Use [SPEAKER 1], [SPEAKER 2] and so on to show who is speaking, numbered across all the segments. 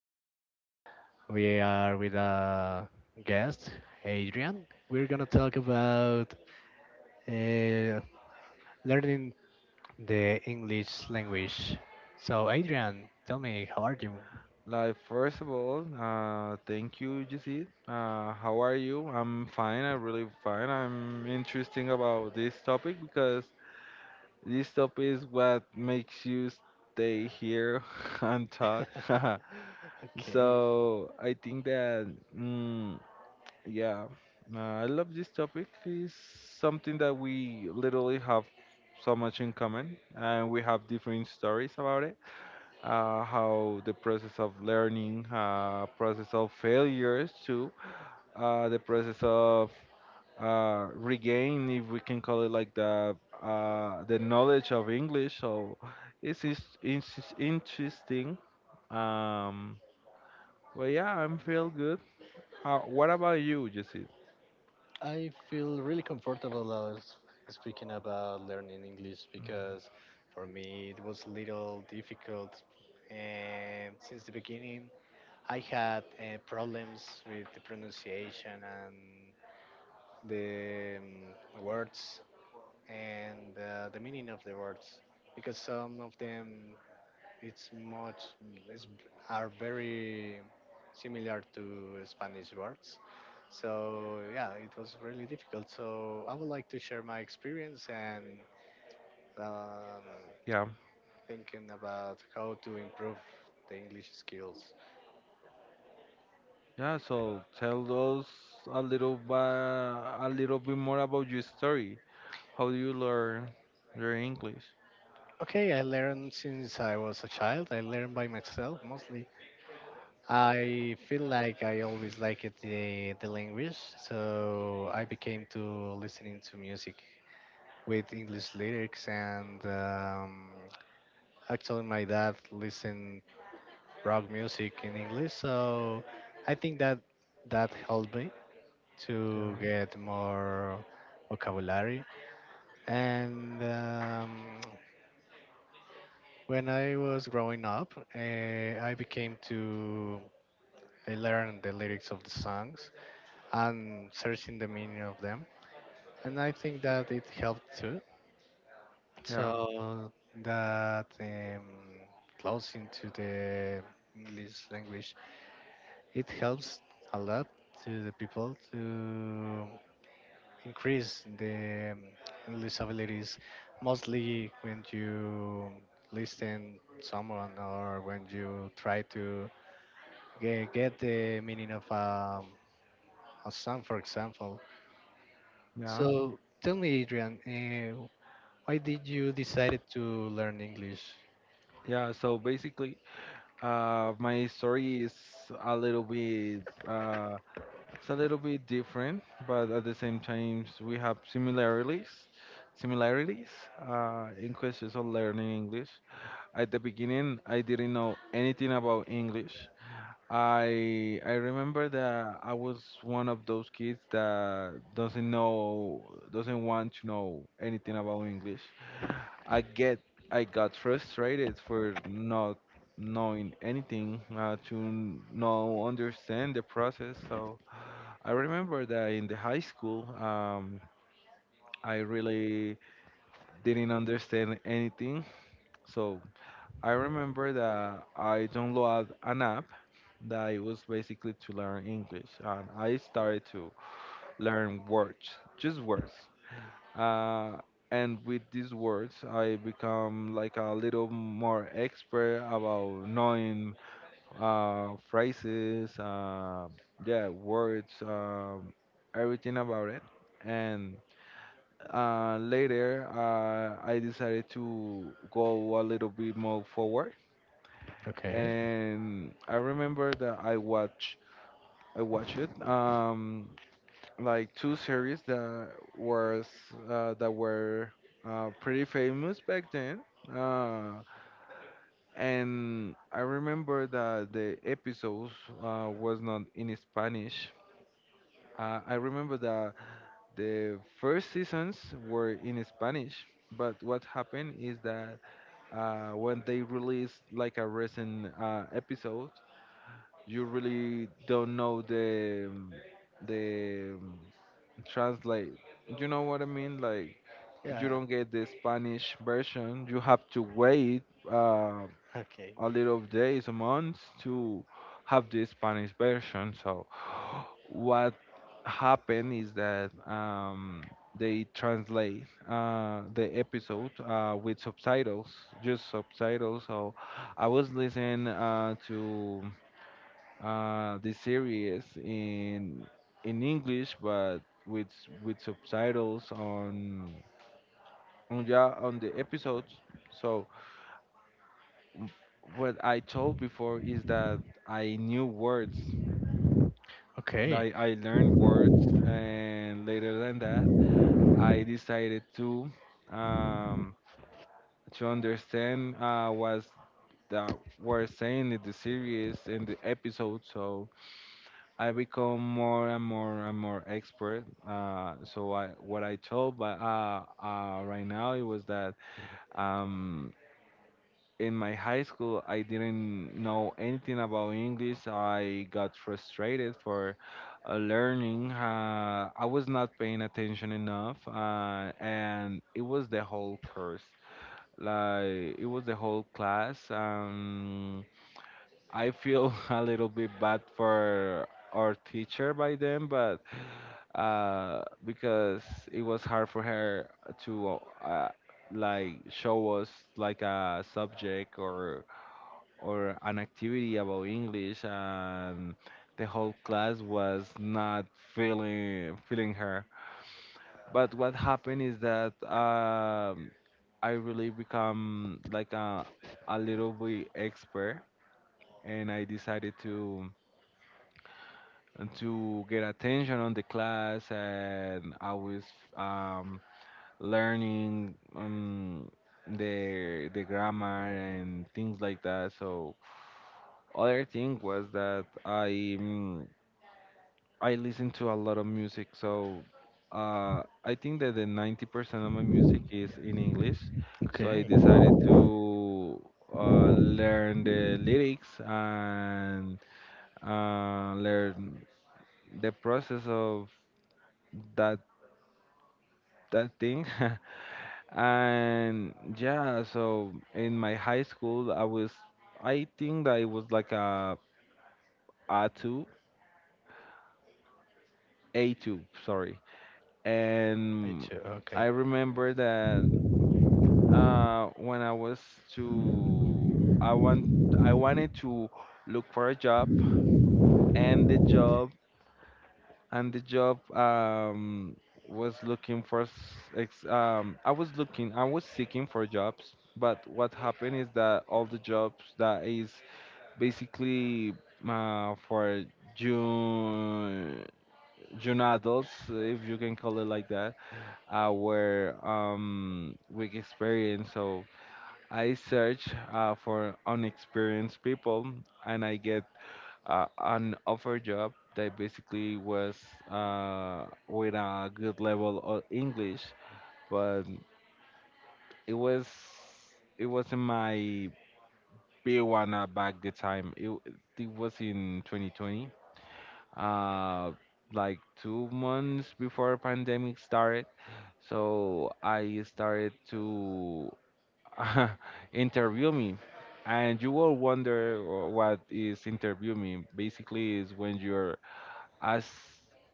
[SPEAKER 1] Jessit. We are with a guest, Adrian. We're gonna talk about uh, learning the English language. So, Adrian, tell me, how are you?
[SPEAKER 2] Like, first of all, thank you, Jesse. How are you? I'm fine. I'm really fine. I'm interesting about this topic because this topic is what makes you stay here and talk. So I think that, mm, yeah, I love this topic. It's something that we literally have so much in common, and we have different stories about it, how the process of learning, process of failures too, the process of regain, if we can call it, like, the knowledge of English. So it's interesting. Um, well, yeah, I'm feel good. What about you, Jesse?
[SPEAKER 1] I feel really comfortable as speaking about learning English because for me it was a little difficult. And since the beginning, I had problems with the pronunciation and the words and the meaning of the words because some of them it's much, it's, are very similar to Spanish words. So yeah, it was really difficult. So I would like to share my experience and um,
[SPEAKER 2] Yeah,
[SPEAKER 1] thinking about how to improve the English skills.
[SPEAKER 2] yeah. So tell us a little bit more about your story. How do you learn your English?
[SPEAKER 1] Okay, I learned since I was a child. I learned by myself mostly. I feel like I always liked the language, so I became to listening to music with English lyrics, and actually, my dad listened rock music in English, so I think that that helped me
[SPEAKER 2] Yeah,
[SPEAKER 1] to get more vocabulary. And when I was growing up, I became to I learned the lyrics of the songs and searching the meaning of them, and I think that it helped too.
[SPEAKER 2] yeah,
[SPEAKER 1] So that close into the English language, it helps a lot to the people to increase the English abilities, mostly when you listen someone or when you try to get the meaning of a song, for example.
[SPEAKER 2] yeah.
[SPEAKER 1] So tell me, Adrian, why did you decided to learn English?
[SPEAKER 2] Yeah, so basically, my story is a little bit, uh, it's a little bit different, but at the same time, we have similarities, similarities, in questions of learning English. At the beginning, I didn't know anything about English. I remember that I was one of those kids that doesn't know, doesn't want to know anything about English. I get I got frustrated for not knowing anything, to no understand the process. So I remember that in the high school, I really didn't understand anything. So I remember that I downloaded an app that it was basically to learn English, and I started to learn words, just words. Uh, and with these words, I become like a little more expert about knowing phrases, yeah, words, everything about it. And later, I decided to go a little bit more forward.
[SPEAKER 1] Okay.
[SPEAKER 2] And I remember that I watch it. Like two series that was that were pretty famous back then. Uh, and I remember that the episodes was not in Spanish. I remember that the first seasons were in Spanish. But what happened is that when they released like a recent episode, you really don't know the the um, translate. You know what I mean? Like you
[SPEAKER 1] Yeah.
[SPEAKER 2] don't get the Spanish version. You have to wait, uh,
[SPEAKER 1] Okay.
[SPEAKER 2] a little days, a month, to have the Spanish version. So what happened is that, they translate the episode with subtitles, just subtitles. So I was listening to the series in English, but with subtitles on yeah on the episodes. So m- what I told before is that I knew words, that
[SPEAKER 1] Okay.
[SPEAKER 2] I learned words, and later than that, I decided to, um, to understand what that were saying in the series and the episode. So I become more and more and more expert. So I what I told, but Right now it was that, um, in my high school, I didn't know anything about English. I got frustrated for learning. I was not paying attention enough, and it was the whole course, like it was the whole class. I feel a little bit bad for our teacher by then, but because it was hard for her to uh, like show us like a subject or an activity about English, and the whole class was not feeling her. But what happened is that, I really become like a little bit expert, and I decided to get attention on the class, and I was, um, learning, the grammar and things like that. So other thing was that I listen to a lot of music, so I think that the 90% of my music is in English. So I
[SPEAKER 1] Okay.
[SPEAKER 2] decided to learn the lyrics and learn the process of that thing. And yeah, so in my high school, I think that it was like a A2, A2, sorry.
[SPEAKER 1] I
[SPEAKER 2] And
[SPEAKER 1] too.
[SPEAKER 2] I
[SPEAKER 1] Okay.
[SPEAKER 2] remember that, when I was to I want I wanted to look for a job, and the job and the job was looking for I was looking I was seeking for jobs, but what happened is that all the jobs that is basically for June adults, if you can call it like that, were, with experience. So I search for unexperienced people, and I get an offer job that basically was with a good level of English, but it was it wasn't my B1 at back the time. It was in 2020, uh, like 2 months before pandemic started. So I started to interview me, and you will wonder, what is interview me. Basically is when you're ask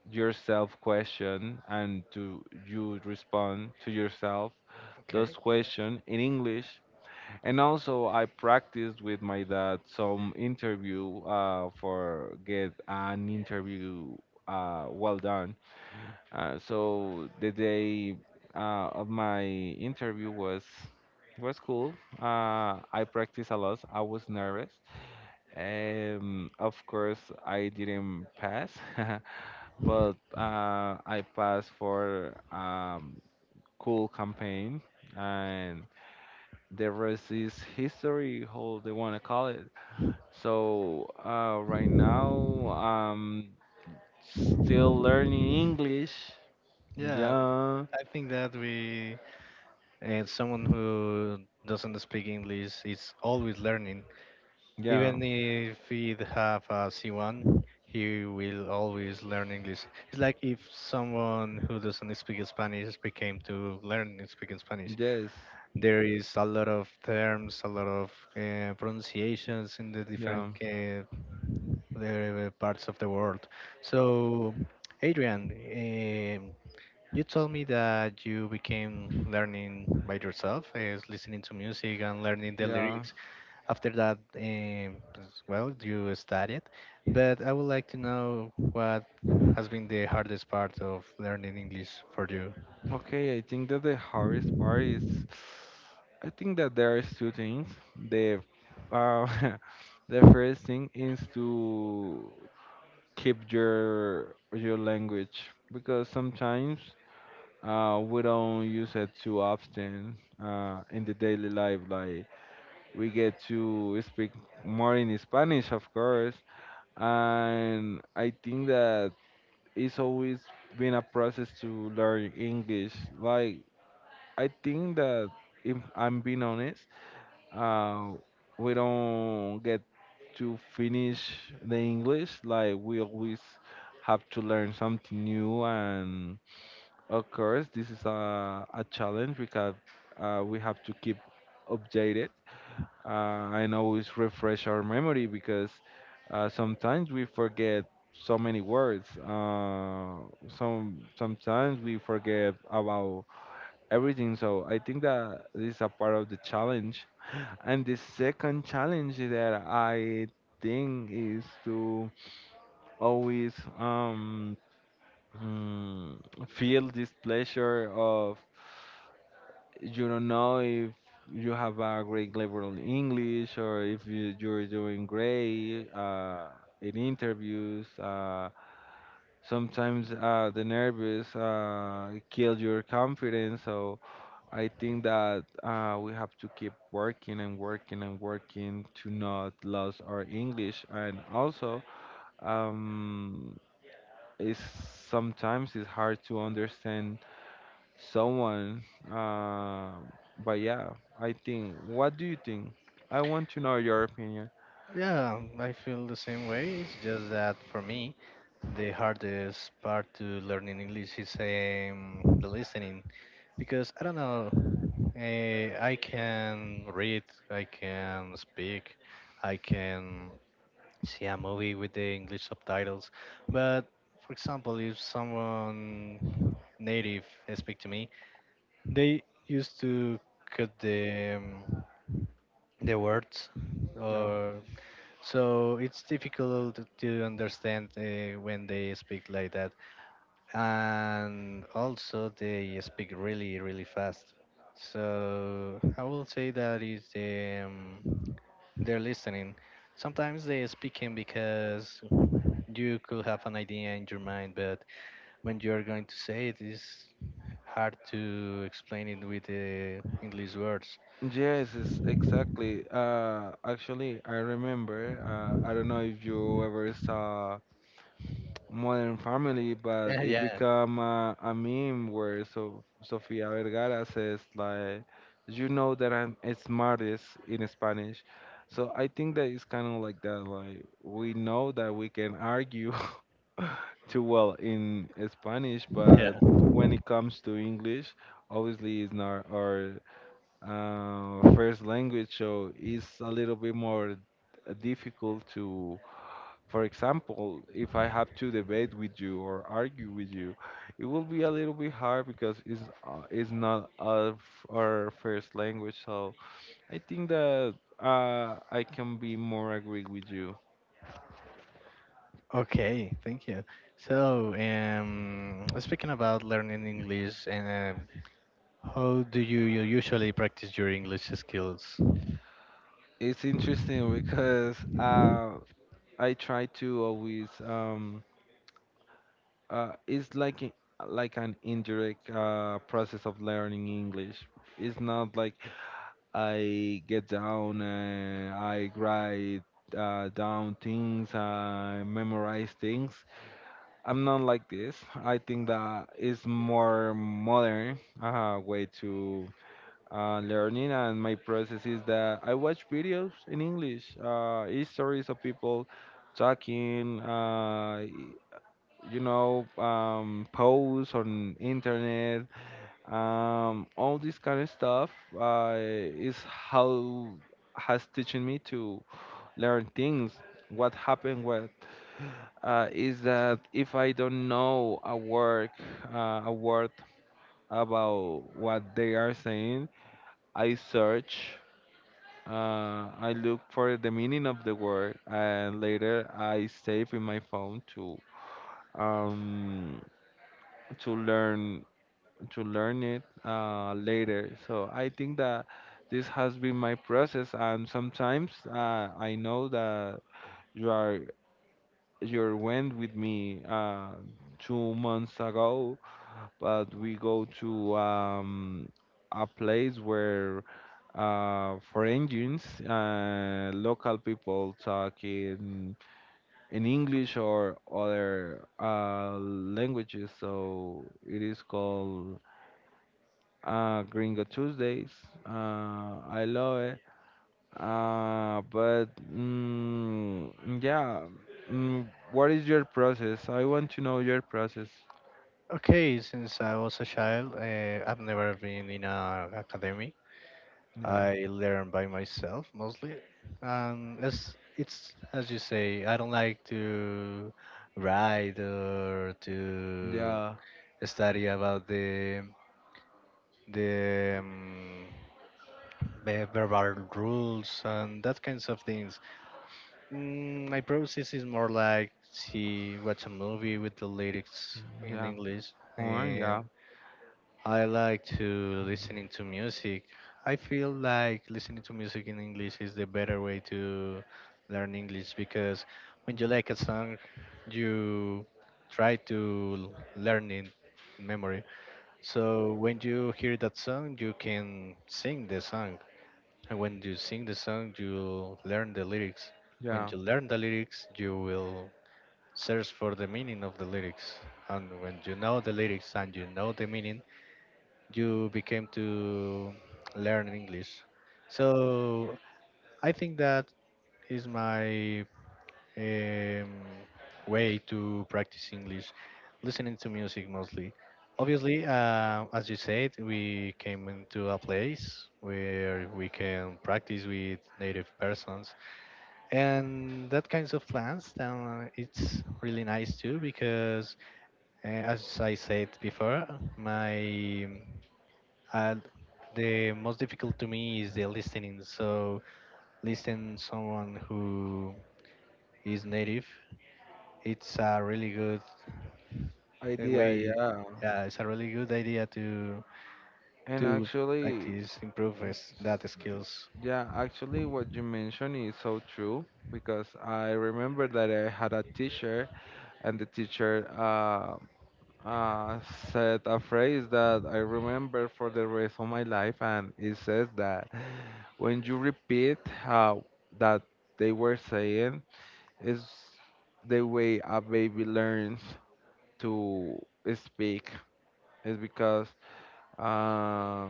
[SPEAKER 2] yourself question and to you respond to yourself those
[SPEAKER 1] Okay.
[SPEAKER 2] question in English, and also I practiced with my dad some interview, for get an interview well done. So the day of my interview was cool. I practiced a lot. I was nervous. Of course, I didn't pass, but I passed for, cool campaign, and the rest is history, how they want to call it. So right now, I'm still learning English.
[SPEAKER 1] Yeah,
[SPEAKER 2] Yeah.
[SPEAKER 1] I think that we and someone who doesn't speak English is always learning.
[SPEAKER 2] Yeah,
[SPEAKER 1] Even if he have a C1, he will always learn English. It's like if someone who doesn't speak Spanish became to learn and speak in Spanish.
[SPEAKER 2] Yes,
[SPEAKER 1] There is a lot of terms, a lot of pronunciations in the different
[SPEAKER 2] yeah,
[SPEAKER 1] the parts of the world. So, Adrian, you told me that you became learning by yourself, is listening to music and learning the
[SPEAKER 2] yeah.
[SPEAKER 1] lyrics. After that, well, you studied, but I would like to know what has been the hardest part of learning English for you.
[SPEAKER 2] Okay, I think that the hardest part is, I think that there is two things. The, uh, the first thing is to keep your language, because sometimes we don't use it too often in the daily life. Like we get to speak more in Spanish, of course, and I think that it's always been a process to learn English. Like I think that if I'm being honest, uh, we don't get to finish the English. Like we always have to learn something new, and of course, this is a challenge because we have to keep updated, and always refresh our memory, because sometimes we forget so many words. Sometimes we forget about everything. So I think that this is a part of the challenge. And the second challenge that I think is to always, mm, feel this pleasure of, you don't know if you have a great level in English or if you're doing great in interviews. Sometimes the nervous kill your confidence. So I think that we have to keep working and working and working to not lose our English. And also, um, it's, sometimes it's hard to understand someone. Uh, but yeah, I think. What do you think? I want to know your opinion.
[SPEAKER 1] Yeah, I feel the same way. It's just that for me, the hardest part to learning English is the listening because I don't know. I can read, I can speak, I can see a movie with the English subtitles. But for example, if someone native speak to me, they used to cut the the words,
[SPEAKER 2] Yeah.
[SPEAKER 1] or so it's difficult to understand when they speak like that and also they speak really really fast so I will say that is they're listening sometimes they speaking because you could have an idea in your mind but when you're going to say it is hard to explain it with the English words.
[SPEAKER 2] Yes, it's exactly. Actually, I remember. I don't know if you ever saw Modern Family, but
[SPEAKER 1] Yeah,
[SPEAKER 2] it
[SPEAKER 1] yeah,
[SPEAKER 2] become a meme where so Sofia Vergara says like, "You know that I'm smartest in Spanish," so I think that it's kind of like that. Like we know that we can argue too well in Spanish, but
[SPEAKER 1] yeah.
[SPEAKER 2] when it comes to English, obviously it's not our first language, so it's a little bit more difficult to, for example, if I have to debate with you or argue with you, it will be a little bit hard because it's not our, our first language. So I think that I can be more agree with you.
[SPEAKER 1] Okay, thank you. So speaking about learning English and how do you usually practice your English skills?
[SPEAKER 2] It's interesting because I try to always, it's like like an indirect process of learning English. It's not like I get down, I write down things, I memorize things. I'm not like this. I think that it's more modern way to learning, and my process is that I watch videos in English, stories of people talking, you know, posts on internet, all this kind of stuff is how has teaching me to learn things. What happened with is that if I don't know a word about what they are saying, I search. I look for the meaning of the word, and later I save in my phone to, um, to learn to learn it later. So I think that this has been my process, and sometimes, I know that you are you went with me 2 months ago, but we go to, a place where for engines, local people talk in English or other languages. So it is called Gringo Tuesdays. I love it. But mm, yeah, mm, What is your process? I want to know your process.
[SPEAKER 1] Okay, since I was a child, I've never been in an academy.
[SPEAKER 2] Yeah,
[SPEAKER 1] I learn by myself mostly. As it's as you say, I don't like to write or to
[SPEAKER 2] yeah,
[SPEAKER 1] study about the, um, the verbal rules and that kinds of things. Mm, my process is more like to watch a movie with the lyrics in
[SPEAKER 2] yeah.
[SPEAKER 1] English,
[SPEAKER 2] Or yeah,
[SPEAKER 1] and I like to listening to music. I feel like listening to music in English is the better way to learn English because when you like a song, you try to learn it in memory. So when you hear that song, you can sing the song and when you sing the song, you learn the lyrics. When
[SPEAKER 2] yeah.
[SPEAKER 1] you learn the lyrics, you will search for the meaning of the lyrics. And when you know the lyrics and you know the meaning, you became to learn English. So I think that is my um, way to practice English, listening to music mostly. Obviously, as you said, we came into a place where we can practice with native persons, and that kinds of plans. Then it's really nice too because, uh, as I said before, my uh, the most difficult to me is the listening. So listen someone who is native it's a really good the
[SPEAKER 2] Idea,
[SPEAKER 1] way,
[SPEAKER 2] yeah.
[SPEAKER 1] yeah, it's a really good idea
[SPEAKER 2] And
[SPEAKER 1] to
[SPEAKER 2] actually,
[SPEAKER 1] practice improve is that
[SPEAKER 2] s-
[SPEAKER 1] skills.
[SPEAKER 2] yeah, actually, what you mentioned is so true because I remember that I had a teacher, and the teacher uh, said a phrase that I remember for the rest of my life, and it says that when you repeat how that they were saying is the way a baby learns to speak is because uh,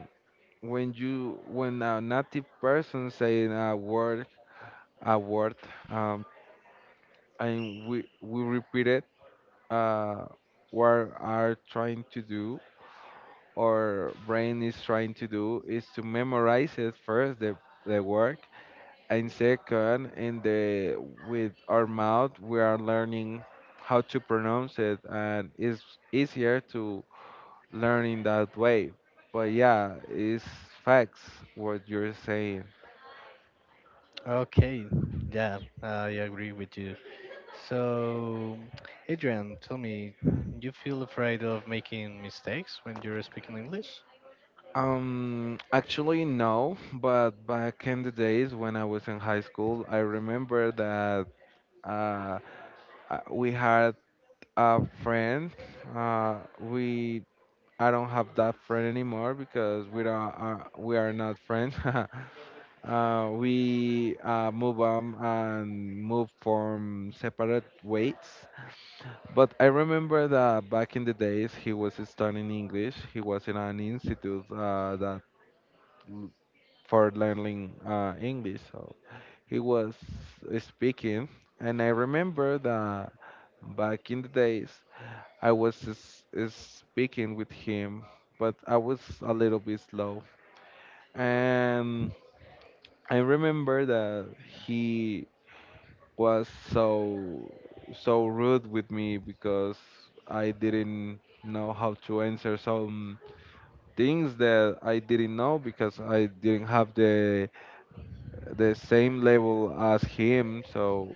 [SPEAKER 2] when you when a native person saying a word a word um, and we repeat it uh, what are trying to do our brain is trying to do is to memorize it first the work and second in the with our mouth we are learning how to pronounce it, and it's easier to learn in that way. But yeah, it's facts what you're saying.
[SPEAKER 1] Okay, yeah, I agree with you. So Adrian, tell me, you feel afraid of making mistakes when you're speaking English?
[SPEAKER 2] Actually no, but back in the days when I was in high school, I remember that uh we had a friend. We I don't have that friend anymore because we are not friends. We move on and move from separate ways. But I remember that back in the days he was studying English. He was in an institute that l- for learning English. So he was speaking, and I remember that back in the days I was speaking with him, but I was a little bit slow. And I remember that he was so rude with me because I didn't know how to answer some things that I didn't know because I didn't have the same level as him. So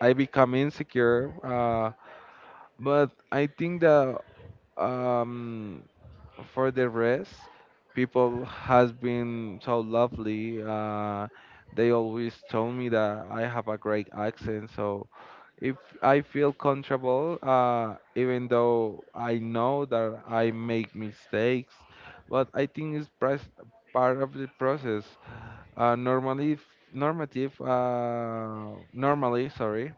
[SPEAKER 2] I become insecure. But I think that um for the rest, people has been so lovely. They always told me that I have a great accent, so if I feel comfortable, even though I know that I make mistakes, but I think it's part of the process. Normally, normative, normally, sorry,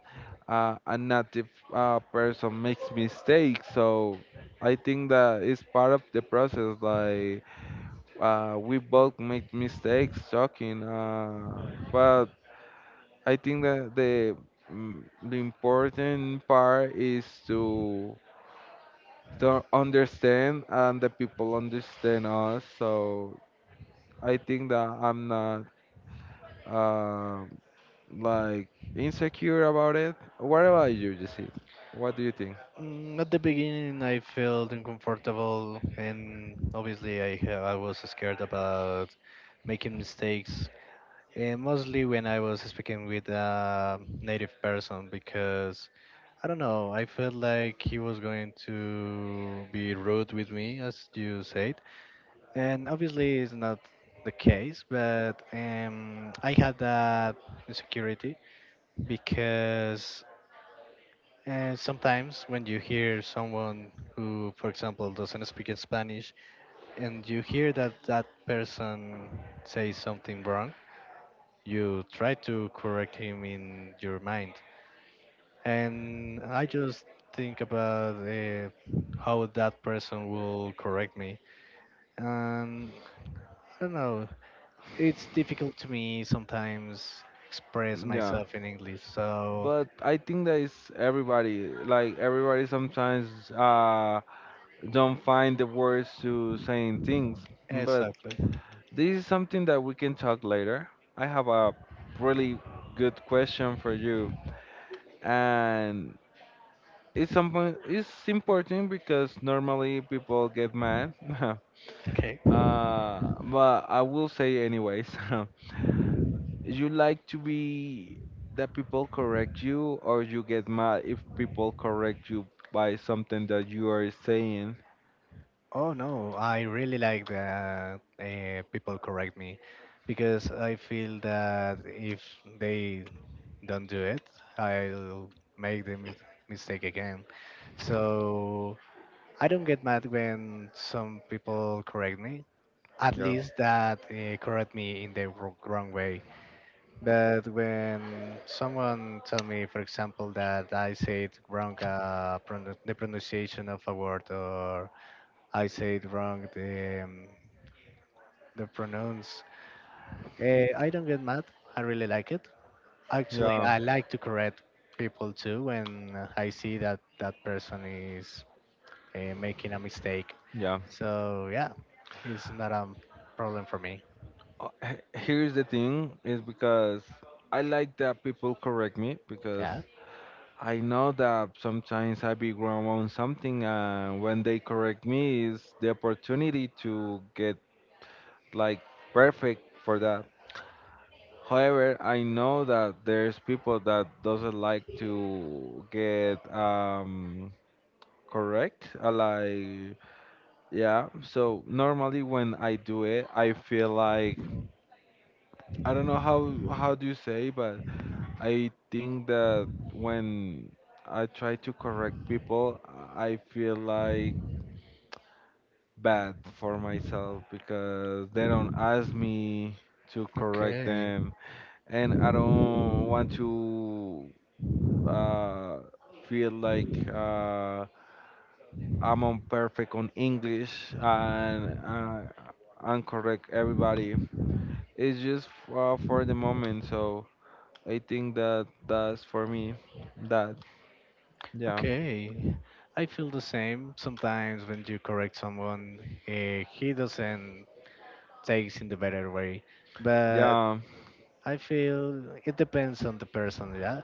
[SPEAKER 2] a native person makes mistakes, so I think that it's part of the process. Like we both make mistakes, talking, but I think that the important part is to understand and the people understand us. So I think that I'm not. Uh, like insecure about it. What about you, Jesse? What do you think?
[SPEAKER 1] Mm, at the beginning I felt uncomfortable and obviously I was scared about making mistakes and mostly when I was speaking with a native person because I don't know. I felt like he was going to be rude with me, as you said, and obviously it's not the case. But I had that insecurity because sometimes when you hear someone who, for example, doesn't speak in Spanish, and you hear that that person says something wrong, you try to correct him in your mind and I just think about how that person will correct me. And I don't know, it's difficult to me sometimes express
[SPEAKER 2] Yeah,
[SPEAKER 1] myself in English. So
[SPEAKER 2] but I think that is everybody. Like everybody sometimes don't find the words to saying things. But
[SPEAKER 1] exactly.
[SPEAKER 2] this is something that we can talk later. I have a really good question for you, and it's something. It's important because normally people get mad. uh,
[SPEAKER 1] Okay.
[SPEAKER 2] but I will say anyways. you like to be that people correct you, or you get mad if people correct you by something that you are saying?
[SPEAKER 1] Oh no, I really like that people correct me because I feel that if they don't do it, I'll make mistake again. So I don't get mad when some people correct me. At
[SPEAKER 2] Yeah,
[SPEAKER 1] least that correct me in the wrong way. But when someone tell me, for example, that I said wrong the pronunciation of a word, or I said wrong the pronouns, I don't get mad. I really like it. Actually,
[SPEAKER 2] yeah,
[SPEAKER 1] I like to correct people too when I see that that person is making a mistake.
[SPEAKER 2] yeah.
[SPEAKER 1] So yeah, it's not a problem for me.
[SPEAKER 2] Here's the thing is because I like that people correct me because
[SPEAKER 1] Yeah.
[SPEAKER 2] I know that sometimes I be wrong on something, and when they correct me is the opportunity to get like perfect for that. However, I know that there's people that doesn't like to get correct. Like yeah, so normally when I do it, I feel like I don't know how do you say, but I think that when I try to correct people, I feel like bad for myself because they don't ask me to correct
[SPEAKER 1] Okay.
[SPEAKER 2] them, and I don't want to uh, feel like I'm imperfect on English and correct everybody. It's just for the moment, so I think that that's for me. That yeah.
[SPEAKER 1] Okay. I feel the same. Sometimes when you correct someone, he doesn't takes in the better way. But
[SPEAKER 2] Yeah,
[SPEAKER 1] I feel it depends on the person, yeah.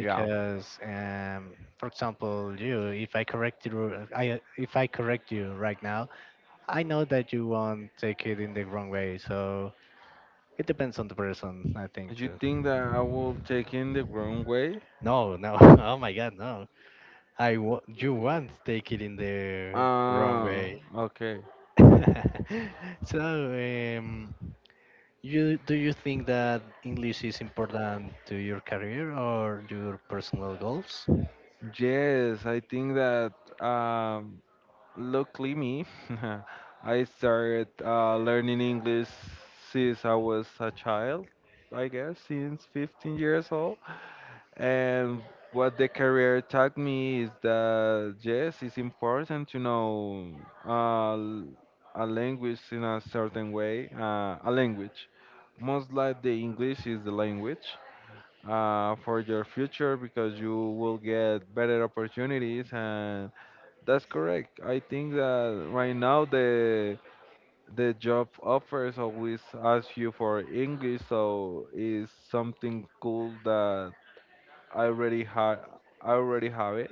[SPEAKER 2] yeah.
[SPEAKER 1] for example, if I correct you, I if I correct you right now, I know that you won't take it in the wrong way. So it depends on the person, I think
[SPEAKER 2] You
[SPEAKER 1] too.
[SPEAKER 2] think that I will take in the wrong way?
[SPEAKER 1] No, no. Oh my God, no. I w you want to take it in the wrong
[SPEAKER 2] Ah,
[SPEAKER 1] way.
[SPEAKER 2] okay.
[SPEAKER 1] So, um, you do you think that English is important to your career or your personal goals?
[SPEAKER 2] Yes, I think that. Um, Luckily me, I started learning English since I was a child, I guess, since 15 years old. And what the career taught me is that yes, it's important to know uh, l- a language in a certain way, a language. Most like the English is the language for your future because you will get better opportunities, and that's correct. I think that right now the job offers always ask you for English, so it's something cool that I already had. I already have it,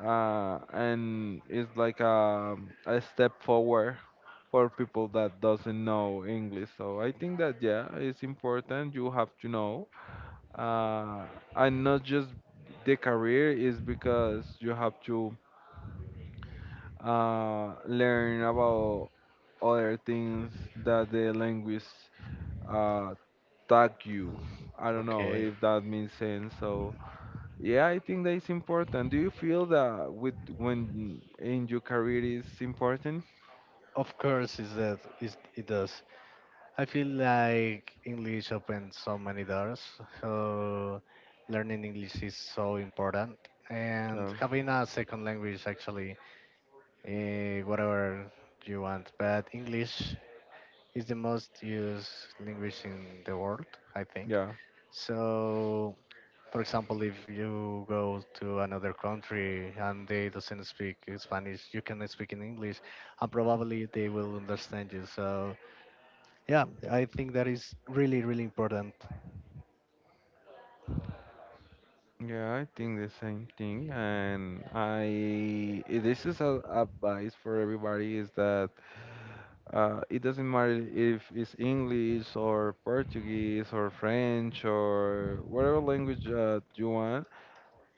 [SPEAKER 2] and it's like a step forward for people that doesn't know English. So I think that yeah, it's important. You have to know, uh, and not just the career is because you have to learn about other things that the language uh, tag you. I don't know
[SPEAKER 1] Okay.
[SPEAKER 2] if that makes sense. So yeah, I think that is important. Do you feel that with when in your career is important?
[SPEAKER 1] Of course, is that is it does. I feel like English opens so many doors. So learning English is so important, and
[SPEAKER 2] Yeah,
[SPEAKER 1] having a second language actually eh, whatever you want. But English is the most used language in the world, I think.
[SPEAKER 2] yeah,
[SPEAKER 1] So, for example, if you go to another country and they doesn't speak Spanish, you can speak in English, and probably they will understand you. So, yeah, I think that is really, really important.
[SPEAKER 2] yeah. I think the same thing, and I eh, this is a advice for everybody is that it doesn't matter if it's English or Portuguese or French or whatever language you want.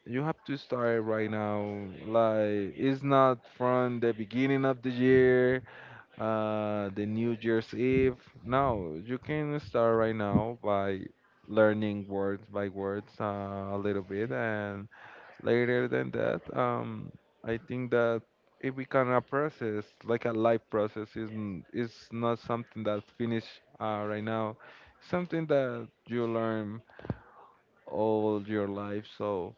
[SPEAKER 2] You have to start right now. Like it's not from the beginning of the year, the New Year's Eve. No, you can start right now by learning words by words a little bit, and later than that, I think that if we can a process like a life process isn't is not something that finish right now, something that you learn all your life. So.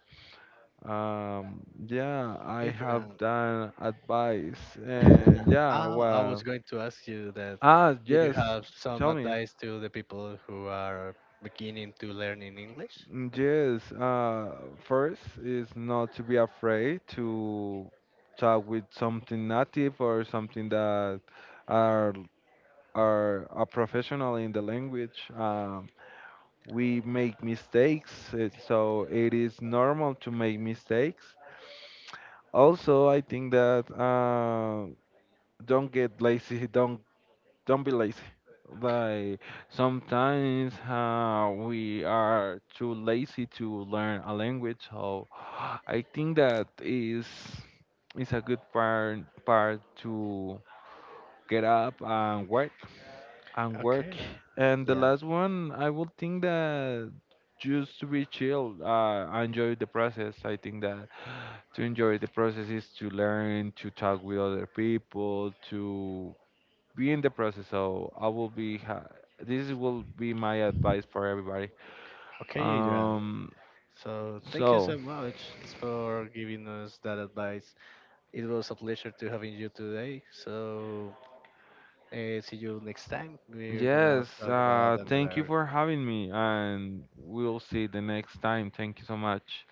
[SPEAKER 2] Um, yeah, I have
[SPEAKER 1] Adrian,
[SPEAKER 2] done advice, and yeah,
[SPEAKER 1] I was
[SPEAKER 2] well,
[SPEAKER 1] going to ask you that.
[SPEAKER 2] ah,
[SPEAKER 1] Did you
[SPEAKER 2] yes,
[SPEAKER 1] have some
[SPEAKER 2] tell me.
[SPEAKER 1] advice to the people who are beginning to learn in English?
[SPEAKER 2] Mm, yes, first is not to be afraid to talk with something native or something that are are a professional in the language. We make mistakes, it, so it is normal to make mistakes. Also, I think that don't get lazy, don't be lazy. Like sometimes we are too lazy to learn a language, so I think that is a good part to get up and work and work.
[SPEAKER 1] Okay.
[SPEAKER 2] And the
[SPEAKER 1] Yeah.
[SPEAKER 2] last one, I would think that just to be chill, enjoy the process. I think that to enjoy the process is to learn, to talk with other people, to be in the process. So I will be. This will be my advice for everybody.
[SPEAKER 1] Okay, Adrian.
[SPEAKER 2] Um.
[SPEAKER 1] So thank you
[SPEAKER 2] So
[SPEAKER 1] so much for giving us that advice. It was a pleasure to having you today. So see you next time. We're gonna
[SPEAKER 2] yes.
[SPEAKER 1] talk about
[SPEAKER 2] Thank you
[SPEAKER 1] another
[SPEAKER 2] for having me, and we'll see the next time. Thank you so much.